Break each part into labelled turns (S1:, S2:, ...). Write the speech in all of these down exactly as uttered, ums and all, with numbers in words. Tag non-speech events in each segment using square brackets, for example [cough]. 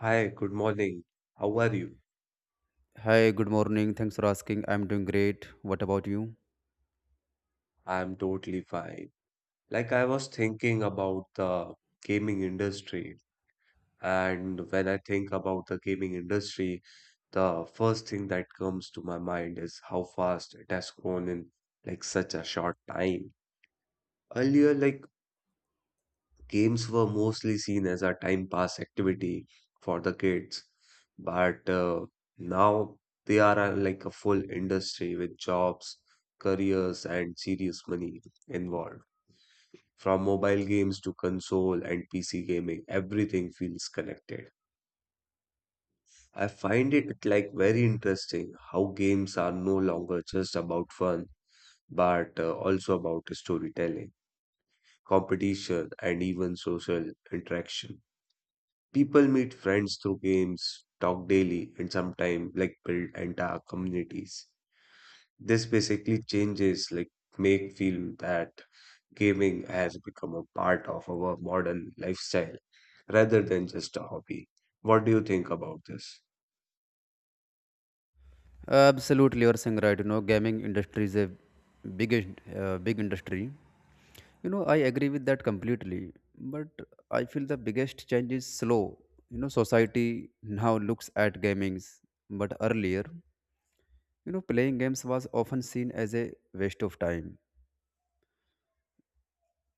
S1: Hi, good morning. How are you?
S2: Hi, good morning. Thanks for asking. I'm doing great. What about you?
S1: I'm totally fine. Like I was thinking about the gaming industry, and when I think about the gaming industry, the first thing that comes to my mind is how fast it has grown in like such a short time. Earlier, like games were mostly seen as a time pass activity for the kids, but uh, now they are uh, like a full industry with jobs, careers, and serious money involved. From mobile games to console and P C gaming, everything feels connected. I find it like very interesting how games are no longer just about fun, but uh, also about storytelling, competition, and even social interaction. People meet friends through games, talk daily, and sometimes like build entire communities. This basically changes like make feel that gaming has become a part of our modern lifestyle rather than just a hobby. What do you think about this?
S2: Absolutely, you're saying right. You know, gaming industry is a big, in- uh, big industry. You know, I agree with that completely. But I feel the biggest change is slow. You know, society now looks at gamings, but earlier, you know, playing games was often seen as a waste of time.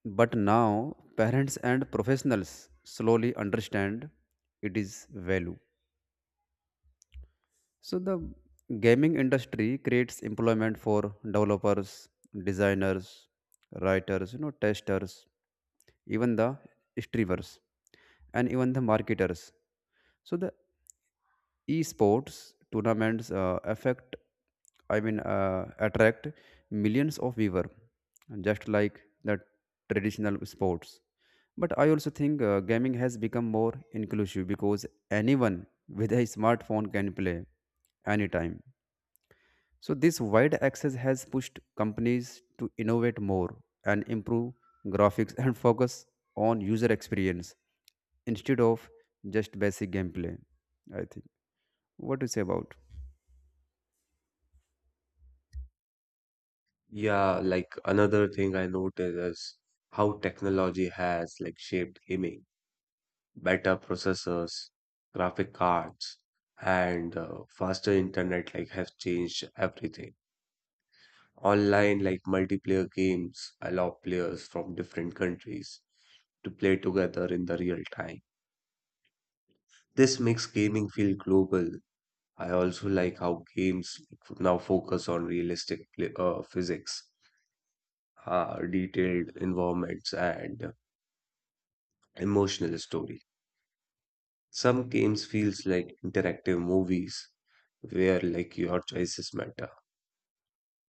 S2: But now, parents and professionals slowly understand it is value. So the gaming industry creates employment for developers, designers, writers, you know, testers, even the streamers, and even the marketers. So the esports tournaments uh, affect, I mean, uh, attract millions of viewers, just like the traditional sports. But I also think uh, gaming has become more inclusive because anyone with a smartphone can play anytime, so this wide access has pushed companies to innovate more and improve graphics and focus on user experience instead of just basic gameplay, I think. What do you say about?
S1: Yeah, like another thing I noticed is how technology has like shaped gaming. Better processors, graphic cards, and uh, faster internet like have changed everything. Online, like multiplayer games, allow players from different countries to play together in the real time. This makes gaming feel global. I also like how games now focus on realistic pl- uh, physics, uh, detailed environments, and emotional story. Some games feels like interactive movies where like your choices matter.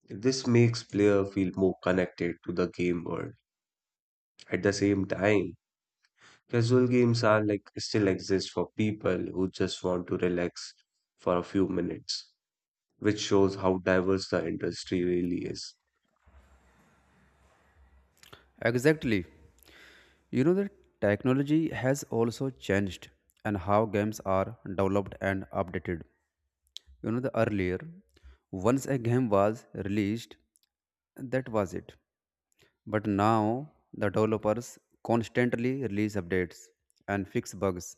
S1: This makes player feel more connected to the game world. At the same time, casual games are like still exist for people who just want to relax for a few minutes, which shows how diverse the industry really is.
S2: Exactly. You know that technology has also changed and how games are developed and updated. You know the earlier, once a game was released, that was it. But now the developers constantly release updates and fix bugs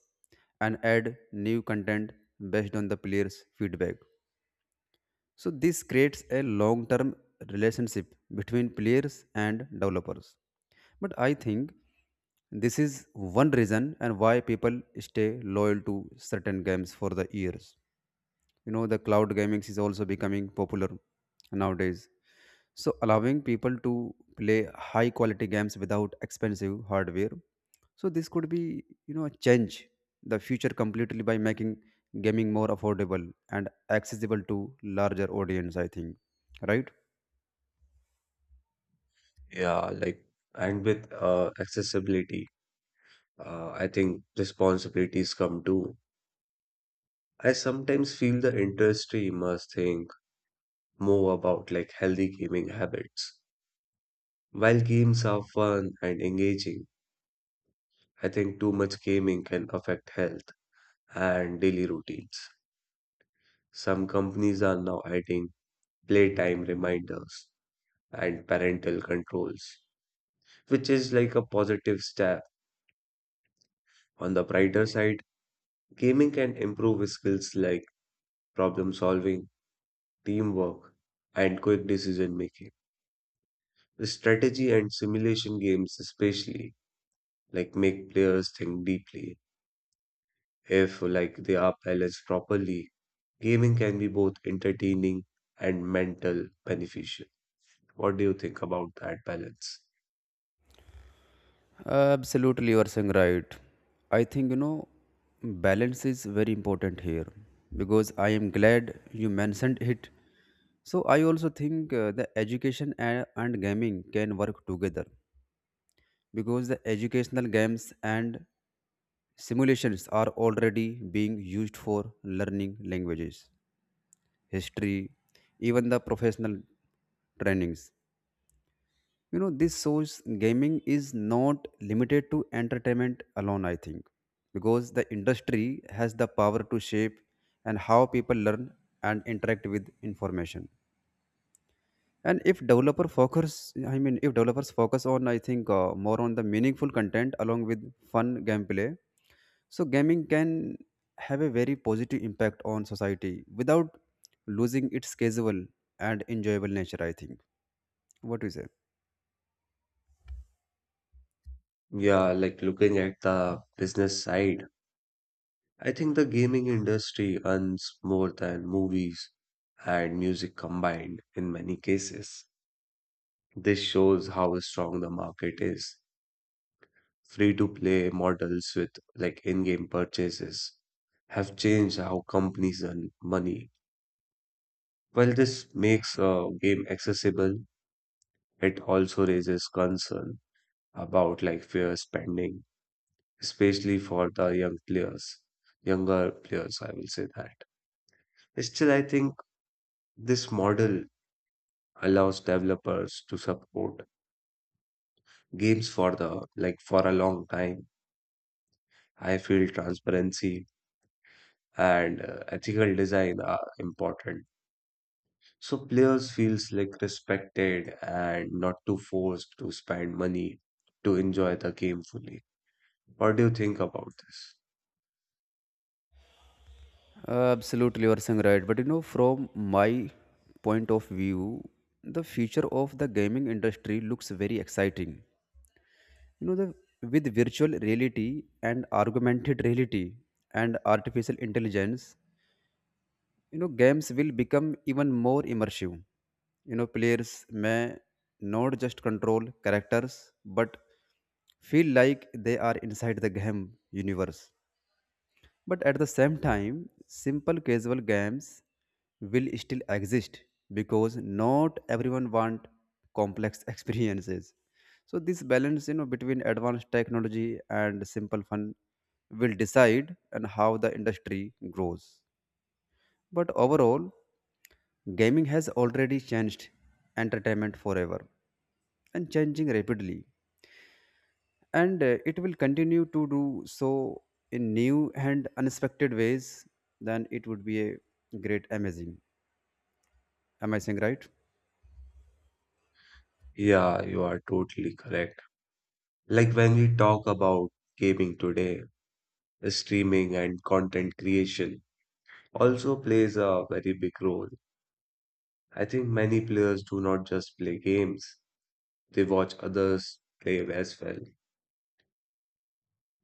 S2: and add new content based on the player's feedback. So this creates a long-term relationship between players and developers. But I think this is one reason and why people stay loyal to certain games for the years. You know, the cloud gaming is also becoming popular nowadays, so allowing people to play high quality games without expensive hardware, so this could be, you know, change the future completely by making gaming more affordable and accessible to larger audience, I think, right?
S1: Yeah, like and with uh, accessibility, uh, I think responsibilities come too. I sometimes feel the industry must think more about like healthy gaming habits. While games are fun and engaging, I think too much gaming can affect health and daily routines. Some companies are now adding playtime reminders, and parental controls, which is like a positive step. On the brighter side, gaming can improve skills like problem solving, teamwork, and quick decision making. Strategy and simulation games, especially, like make players think deeply. If like they are balanced properly, gaming can be both entertaining and mental beneficial. What do you think about that balance?
S2: Absolutely, you are saying right. I think, you know, balance is very important here because I am glad you mentioned it. So I also think uh, the education and, and gaming can work together because the educational games and simulations are already being used for learning languages, history, even the professional trainings. You know, this shows gaming is not limited to entertainment alone, I think, because the industry has the power to shape and how people learn and interact with information. And if developer focus, I mean, if developers focus on, I think, uh, more on the meaningful content along with fun gameplay, so gaming can have a very positive impact on society without losing its casual and enjoyable nature, I think. What do you say?
S1: Yeah, like looking at the business side. I think the gaming industry earns more than movies and music combined in many cases. This shows how strong the market is. Free to play models with like in game purchases have changed how companies earn money. While this makes a game accessible, it also raises concern about like fair spending, especially for the young players, younger players, I will say that. Still, I think this model allows developers to support games for the like for a long time. I feel transparency and uh, ethical design are important. So players feels like respected and not too forced to spend money to enjoy the game fully. What do you think about this?
S2: Uh, Absolutely, you are saying right. But you know, from my point of view, the future of the gaming industry looks very exciting. You know, the with virtual reality and augmented reality and artificial intelligence, you know, games will become even more immersive. You know, players may not just control characters, but feel like they are inside the game universe. But at the same time, simple casual games will still exist because not everyone want complex [laughs] experiences. So this balance, you know, between advanced technology and simple fun will decide and how the industry grows. But overall, gaming has already changed entertainment forever and changing rapidly, and uh, it will continue to do so in new and unexpected ways. Then it would be a great amazing. Am I saying right?
S1: Yeah, you are totally correct. Like when we talk about gaming today, streaming and content creation also plays a very big role. I think many players do not just play games, they watch others play as well.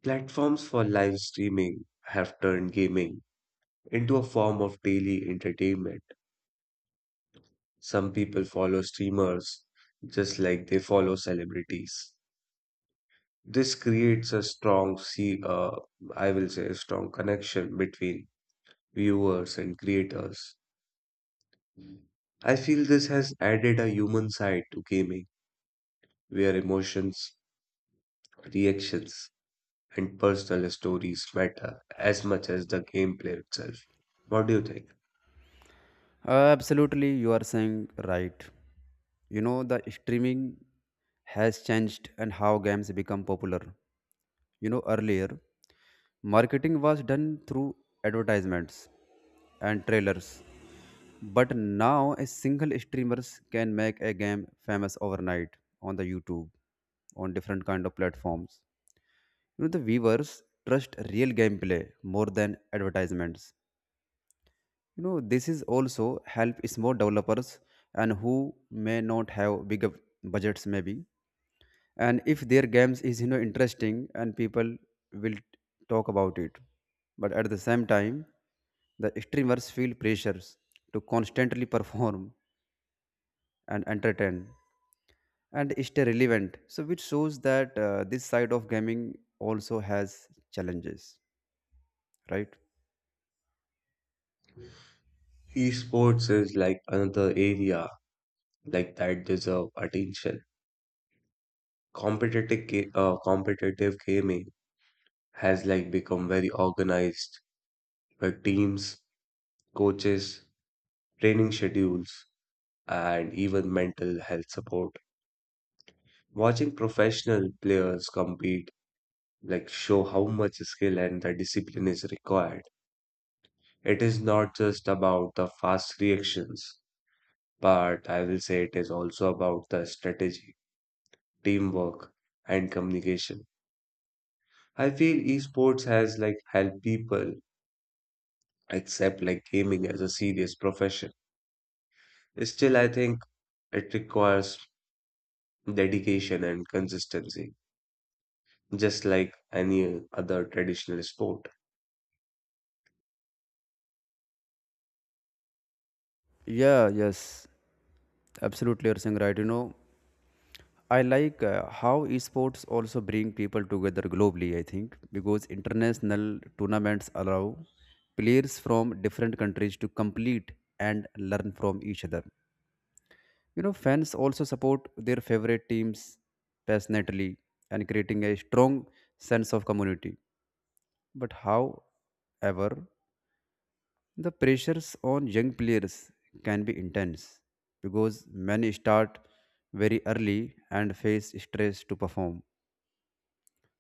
S1: Platforms for live streaming have turned gaming into a form of daily entertainment. Some people follow streamers just like they follow celebrities. This creates a strong, see, uh, I will say, a strong connection between viewers and creators. I feel this has added a human side to gaming, where emotions, reactions, and personal stories matter as much as the gameplay itself. What do you think?
S2: Uh, absolutely, you are saying right. You know the streaming has changed and how games become popular. You know earlier marketing was done through advertisements and trailers, but now a single streamers can make a game famous overnight on the YouTube, on different kind of platforms. You know the viewers trust real gameplay more than advertisements. You know this is also help small developers and who may not have bigger budgets maybe, and if their games is, you know, interesting and people will talk about it. But at the same time, the streamers feel pressures to constantly [laughs] perform and entertain and stay relevant, so which shows that uh, this side of gaming also has challenges, right?
S1: Esports is like another area like that deserve attention. Competitive ga- uh, competitive gaming has like become very organized where teams, coaches, training schedules, and even mental health support. Watching professional players compete like show how much skill and the discipline is required. It is not just about the fast reactions but I will say it is also about the strategy, teamwork, and communication. I feel esports has like helped people accept like gaming as a serious profession. Still, I think it requires dedication and consistency, just like any other traditional sport.
S2: Yeah, yes, absolutely, you're saying right. You know, I like uh, how esports also bring people together globally, I think, because international tournaments allow players from different countries to compete and learn from each other. You know, fans also support their favorite teams passionately and creating a strong sense of community. But however, the pressures on young players can be intense because many start very early and face stress to perform.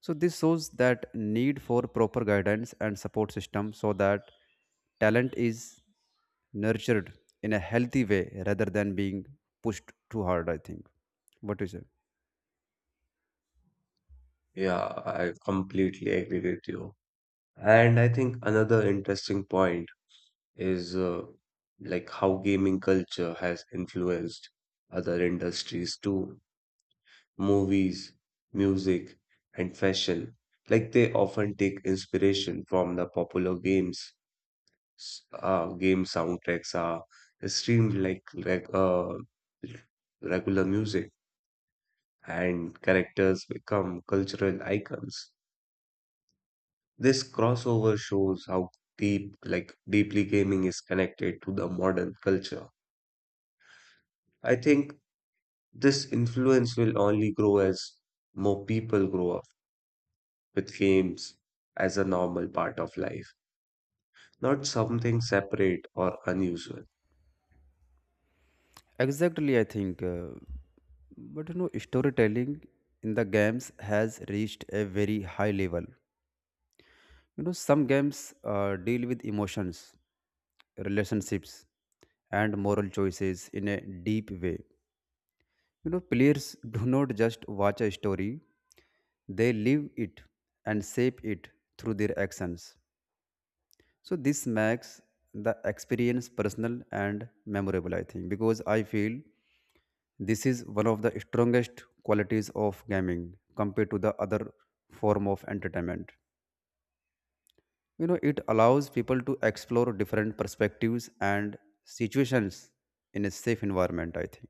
S2: So this shows that need for proper guidance and support system so that talent is nurtured in a healthy way rather than being pushed too hard, I think. What do you say?
S1: Yeah, I completely agree with you. And I think another interesting point is uh, like how gaming culture has influenced other industries too. Movies, music, and fashion, like they often take inspiration from the popular games. S- Uh, game soundtracks are streamed like like uh, regular music, and characters become cultural icons. This crossover shows how deep, like deeply, gaming is connected to the modern culture. I think this influence will only grow as more people grow up with games as a normal part of life, not something separate or unusual.
S2: Exactly, I think, uh, but you know storytelling in the games has reached a very high level. You know, some games uh, deal with emotions, relationships, and moral choices in a deep way. You know, players [laughs] do not just watch a story, they live it and shape it through their actions. So, this makes the experience personal and memorable, I think, because I feel this is one of the strongest qualities of gaming compared to the other form of entertainment. You know, it allows people to explore different perspectives and situations in a safe environment, I think.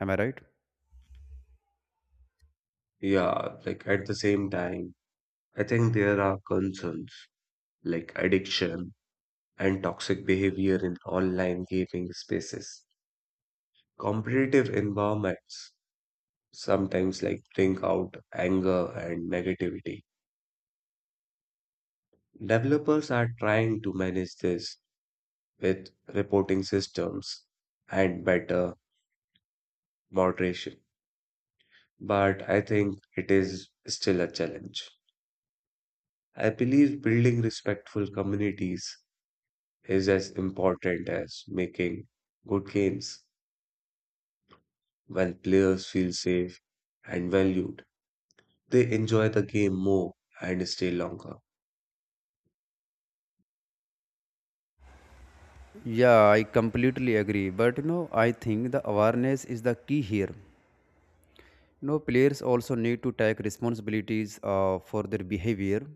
S2: Am I right?
S1: Yeah, like at the same time, I think there are concerns like addiction and toxic behavior in online gaming spaces. Competitive environments sometimes like bring out anger and negativity. Developers are trying to manage this with reporting systems and better moderation, but I think it is still a challenge. I believe building respectful communities is as important as making good games. When players feel safe and valued, they enjoy the game more and stay longer.
S2: Yeah, I completely agree, but you know I think the awareness is the key here. You know players also need to take responsibilities uh, for their behavior,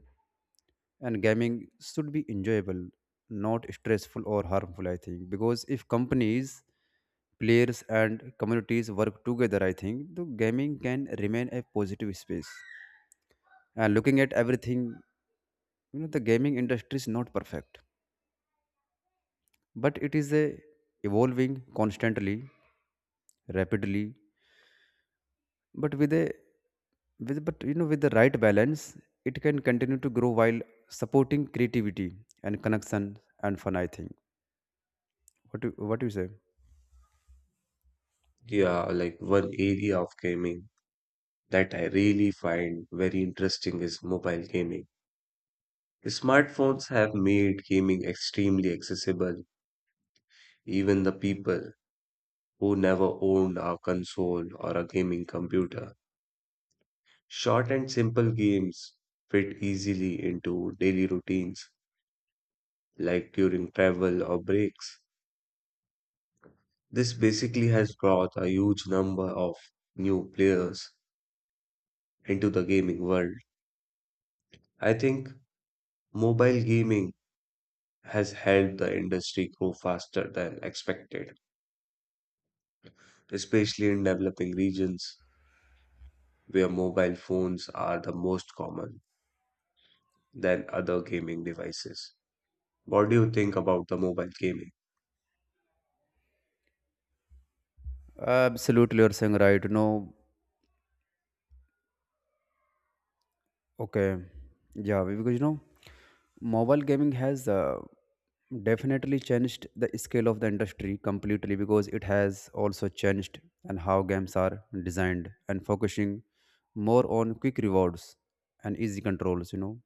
S2: and gaming should be enjoyable, not stressful or harmful, I think, because if companies, players and communities work together, I think the gaming can remain a positive space. Uh, looking at everything, you know, the gaming industry is not perfect, but it is a evolving constantly, rapidly, but with a with but you know with the right balance, it can continue to grow while supporting creativity and connection and fun, I think. What do, what do you say?
S1: Yeah, like one area of gaming that I really find very interesting is mobile gaming. Smartphones have made gaming extremely accessible, even the people who never owned a console or a gaming computer. Short and simple games fit easily into daily routines, like during travel or breaks. This basically has brought a huge number of new players into the gaming world. I think mobile gaming has helped the industry grow faster than expected, especially in developing regions where mobile phones are the most common than other gaming devices. What do you think about the mobile gaming?
S2: Absolutely, you're saying right. You know, okay. Yeah, because you know, mobile gaming has uh, definitely changed the scale of the industry completely because it has also changed and how games are designed and focusing more on quick rewards and easy controls, you know.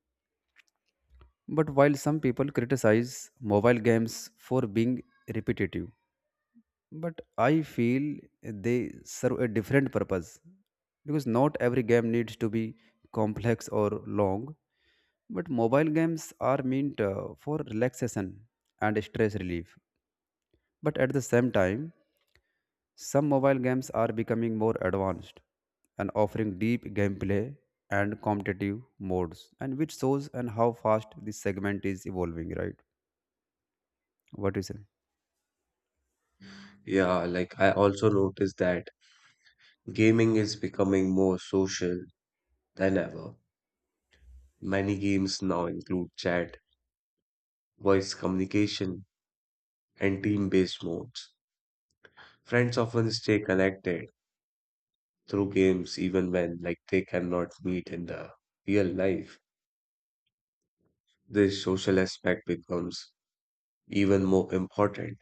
S2: But while some people criticize mobile games for being repetitive, but I feel they serve a different purpose because not every game needs to be complex or long, but mobile games are meant uh, for relaxation and stress relief. But at the same time, some mobile games are becoming more advanced and offering deep gameplay and competitive modes, and which shows and how fast this segment is evolving, right? What do you say?
S1: Yeah, like I also noticed that gaming is becoming more social than ever. Many games now include chat, voice communication, and team-based modes. Friends often stay connected through games even when like they cannot meet in the real life. This social aspect becomes even more important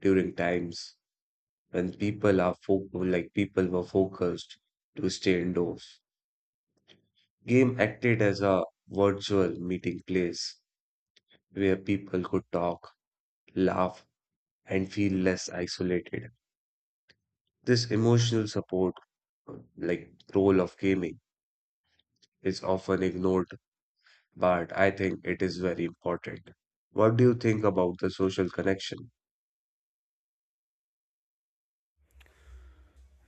S1: during times when people are fo like people were focused to stay indoors. Game acted as a virtual meeting place where people could talk, laugh, and feel less isolated. This emotional support, uh, like role of gaming, is often ignored, but I think it is very important. What do you think about the social connection?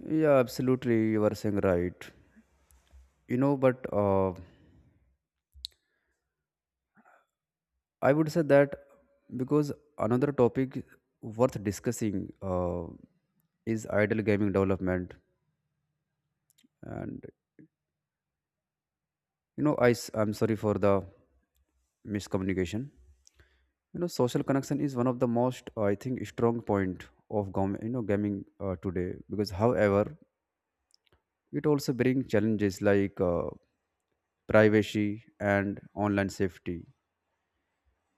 S2: Yeah, absolutely. You are saying right. You know, but uh, I would say that, because another topic worth discussing uh, is idle gaming development and, you know, I am sorry for the miscommunication. You know social connection is one of the most, I think, strong point of gam- you know gaming uh, today, because however it also brings challenges like uh, privacy and online safety. You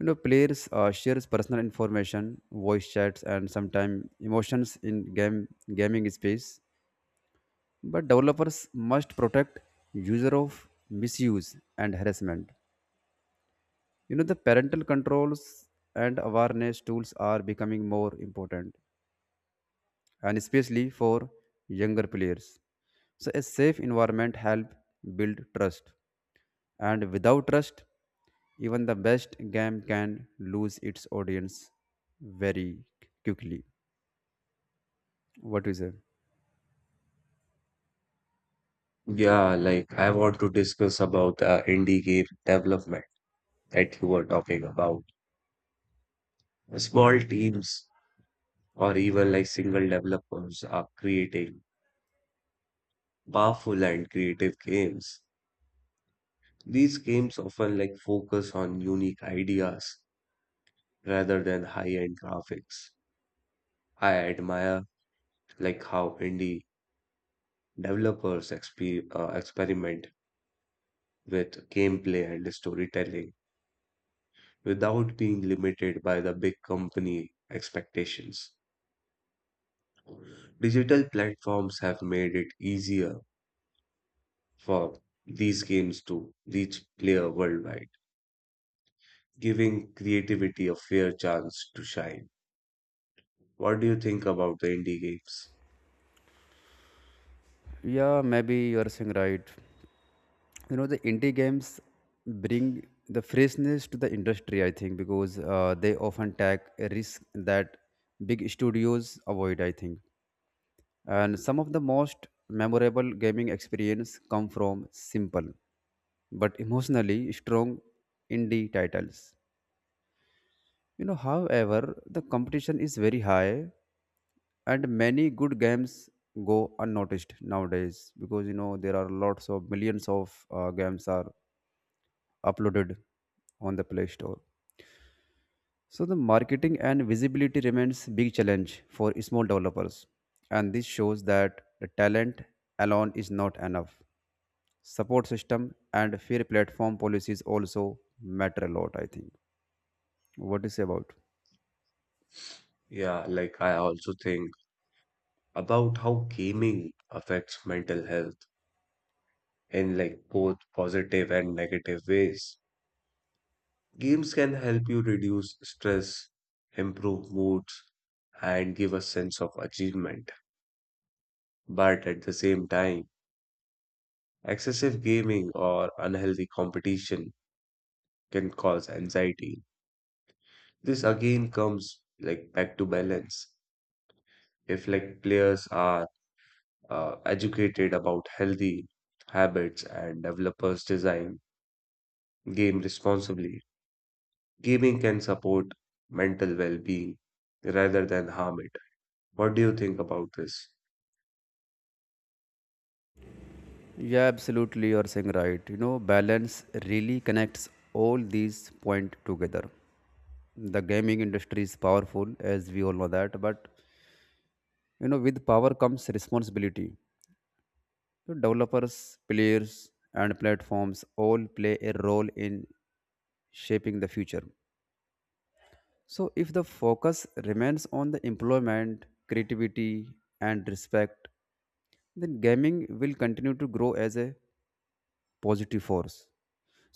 S2: know players uh, shares personal information, voice chats and sometimes emotions in game gaming space, but developers must protect user of misuse and harassment. You know the parental controls and awareness tools are becoming more important, and especially for younger players, so a safe environment helps build trust, and without trust even the best game can lose its audience very quickly. What is it?
S1: Yeah, like I want to discuss about uh, indie game development that you were talking about. Small teams or even like single developers are creating powerful and creative games. These games often like focus on unique ideas rather than high-end graphics. I admire like how indie developers exper uh, experiment with gameplay and storytelling without being limited by the big company expectations. Digital platforms have made it easier for these games to reach player worldwide, giving creativity a fair chance to shine. What do you think about the indie games?
S2: Yeah, maybe you are saying right. You know, the indie games bring the freshness to the industry, I think, because uh, they often take a risk that big studios avoid, I think. And some of the most memorable gaming experience come from simple but emotionally strong indie titles. You know, however, the competition is very high and many good games go unnoticed nowadays, because you know there are lots of millions of uh, games are uploaded on the play store, so the marketing and visibility remains big challenge for small developers, and this shows that the talent alone is not enough. Support system and fair platform policies also matter a lot, I think. What do you say about?
S1: Yeah, like I also think about how gaming affects mental health in like both positive and negative ways. Games can help you reduce stress, improve moods, and give a sense of achievement. But at the same time, excessive gaming or unhealthy competition can cause anxiety. This again comes like back to balance. If like players are uh, educated about healthy habits and developers design game responsibly, gaming can support mental well-being rather than harm it. What do you think about this?
S2: Yeah, absolutely, you're saying right. You know balance really connects all these point together. The gaming industry is powerful, as we all know that, but you know with power comes responsibility. So developers, players and platforms all play a role in shaping the future, so if the focus remains on the employment, creativity and respect, then gaming will continue to grow as a positive force.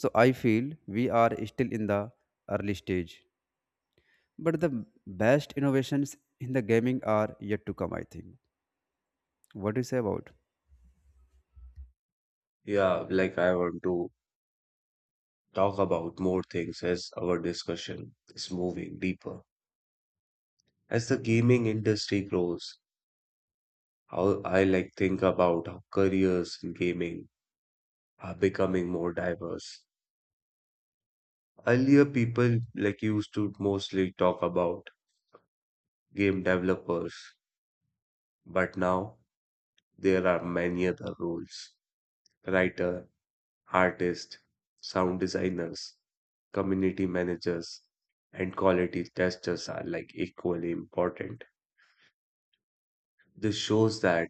S2: So I feel we are still in the early stage, but the best innovations in the gaming are yet to come, I think. What do you say about?
S1: Yeah, like I want to talk about more things as our discussion is moving deeper. As the gaming industry grows, how I like think about how careers in gaming are becoming more diverse. Earlier, people like used to mostly talk about game developers, but now there are many other roles writer, artist, sound designers, community managers, and quality testers are like equally important. This shows that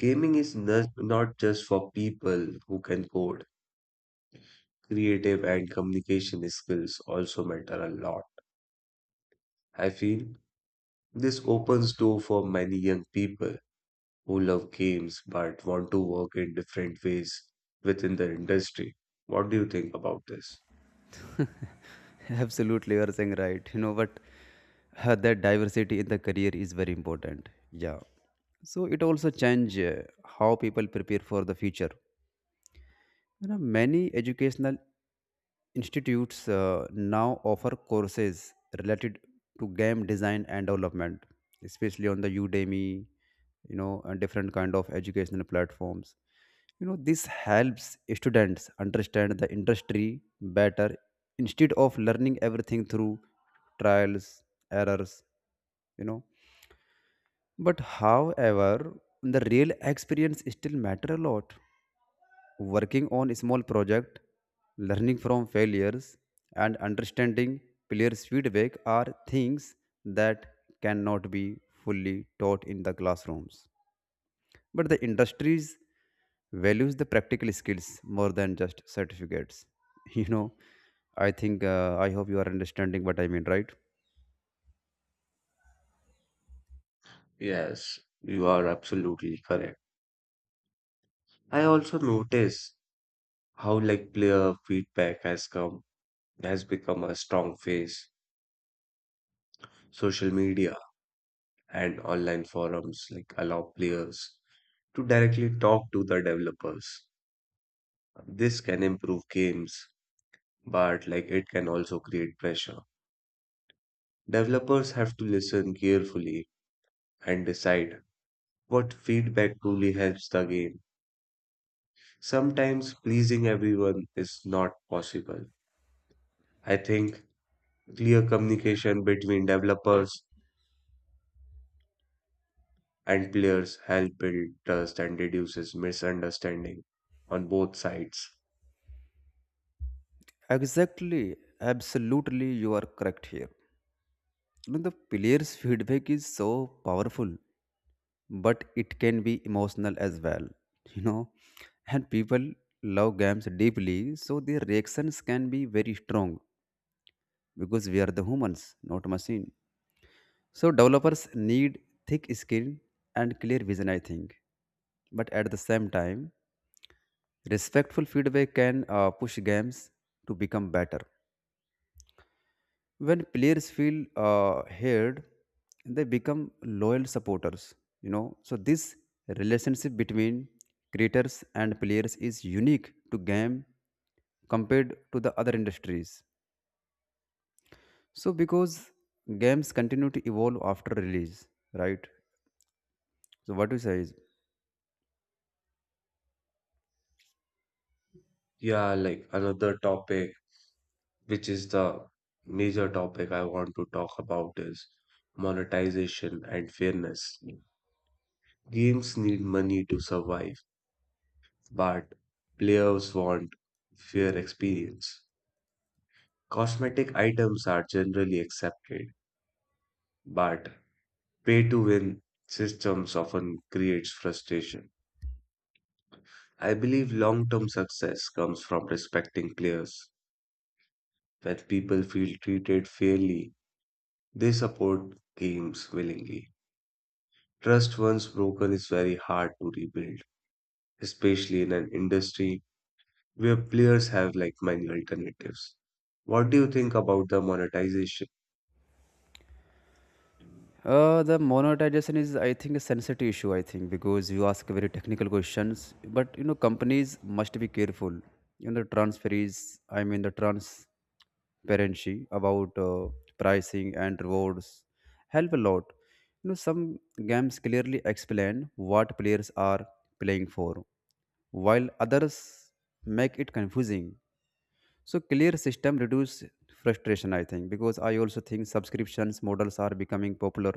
S1: gaming is n- not just for people who can code. Creative and communication skills also matter a lot. I feel this opens door for many young people who love games but want to work in different ways within the industry. What do you think about this?
S2: [laughs] Absolutely, you are saying right. You know, but uh, that diversity in the career is very important. Yeah. So it also change uh, how people prepare for the future. You know, many educational Institutes uh, now offer courses related to game design and development, especially on the Udemy, you know, and different kind of educational platforms. You know, this helps students understand the industry better instead of learning everything through trials, errors, you know. But however, the real experience still matter a lot, working on a small project, learning from failures, and understanding players' feedback are things that cannot be fully taught in the classrooms. But the industries values the practical skills more than just certificates. [laughs] You know, I think uh, I hope you are understanding what I mean, right?
S1: Yes, you are absolutely correct. I also notice how like player feedback has come has become a strong phase. Social media and online forums like allow players to directly talk to the developers. This can improve games, but like it can also create pressure. Developers have to listen carefully and decide what feedback truly helps the game. Sometimes pleasing everyone is not possible. I think clear communication between developers and players help build trust and reduces misunderstanding on both sides.
S2: Exactly, absolutely, you are correct here. You know the player's feedback is so powerful, but it can be emotional as well, you know. And people love games deeply, so their reactions can be very strong because we are the humans, not machine. So developers need thick skin and clear vision, I think. But at the same time, respectful feedback can uh, push games to become better. When players feel uh, heard, they become loyal supporters. You know, so this relationship between creators and players is unique to game compared to the other industries, so because games continue to evolve after release, right? So what do you say is
S1: Yeah, like another topic, which is the major topic I want to talk about is monetization and fairness. Games need money to survive, but players want fair experience. Cosmetic items are generally accepted, but pay to win systems often creates frustration. I believe long term success comes from respecting players. When people feel treated fairly, they support games willingly. Trust once broken is very hard to rebuild, especially in an industry where players have like many alternatives. What do you think about the monetization?
S2: Uh, the monetization is, I think, a sensitive issue. I think because you ask very technical questions, but you know, companies must be careful. You know, the transferees. I mean, the transparency about uh, pricing and rewards help a lot. You know, some games clearly explain what players are playing for, while others make it confusing. So clear system reduce frustration, I think, because I also think subscriptions models are becoming popular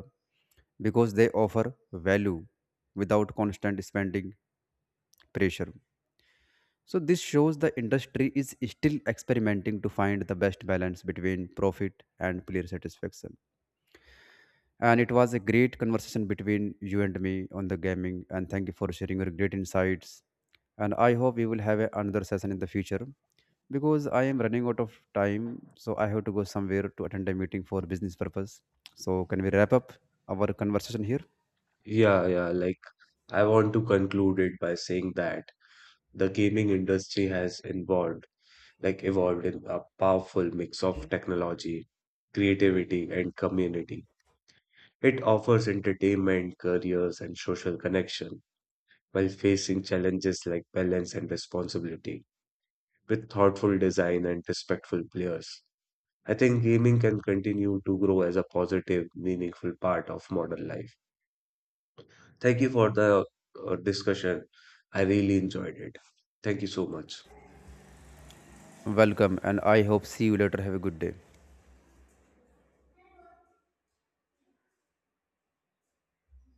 S2: because they offer value without constant spending pressure. So this shows the industry is still experimenting to find the best balance between profit and player satisfaction. And it was a great conversation between you and me on the gaming, and thank you for sharing your great insights. And I hope we will have a- another session in the future, because I am running out of time, so I have to go somewhere to attend a meeting for business purpose. So can we wrap up our conversation here?
S1: Yeah, yeah, like I want to conclude it by saying that the gaming industry has involved, like evolved in a powerful mix of technology, creativity, and community. It offers entertainment, careers, and social connection while facing challenges like balance and responsibility with thoughtful design and respectful players. I think gaming can continue to grow as a positive, meaningful part of modern life. Thank you for the uh, discussion. I really enjoyed it. Thank you so much.
S2: Welcome, and I hope see you later. Have a good day.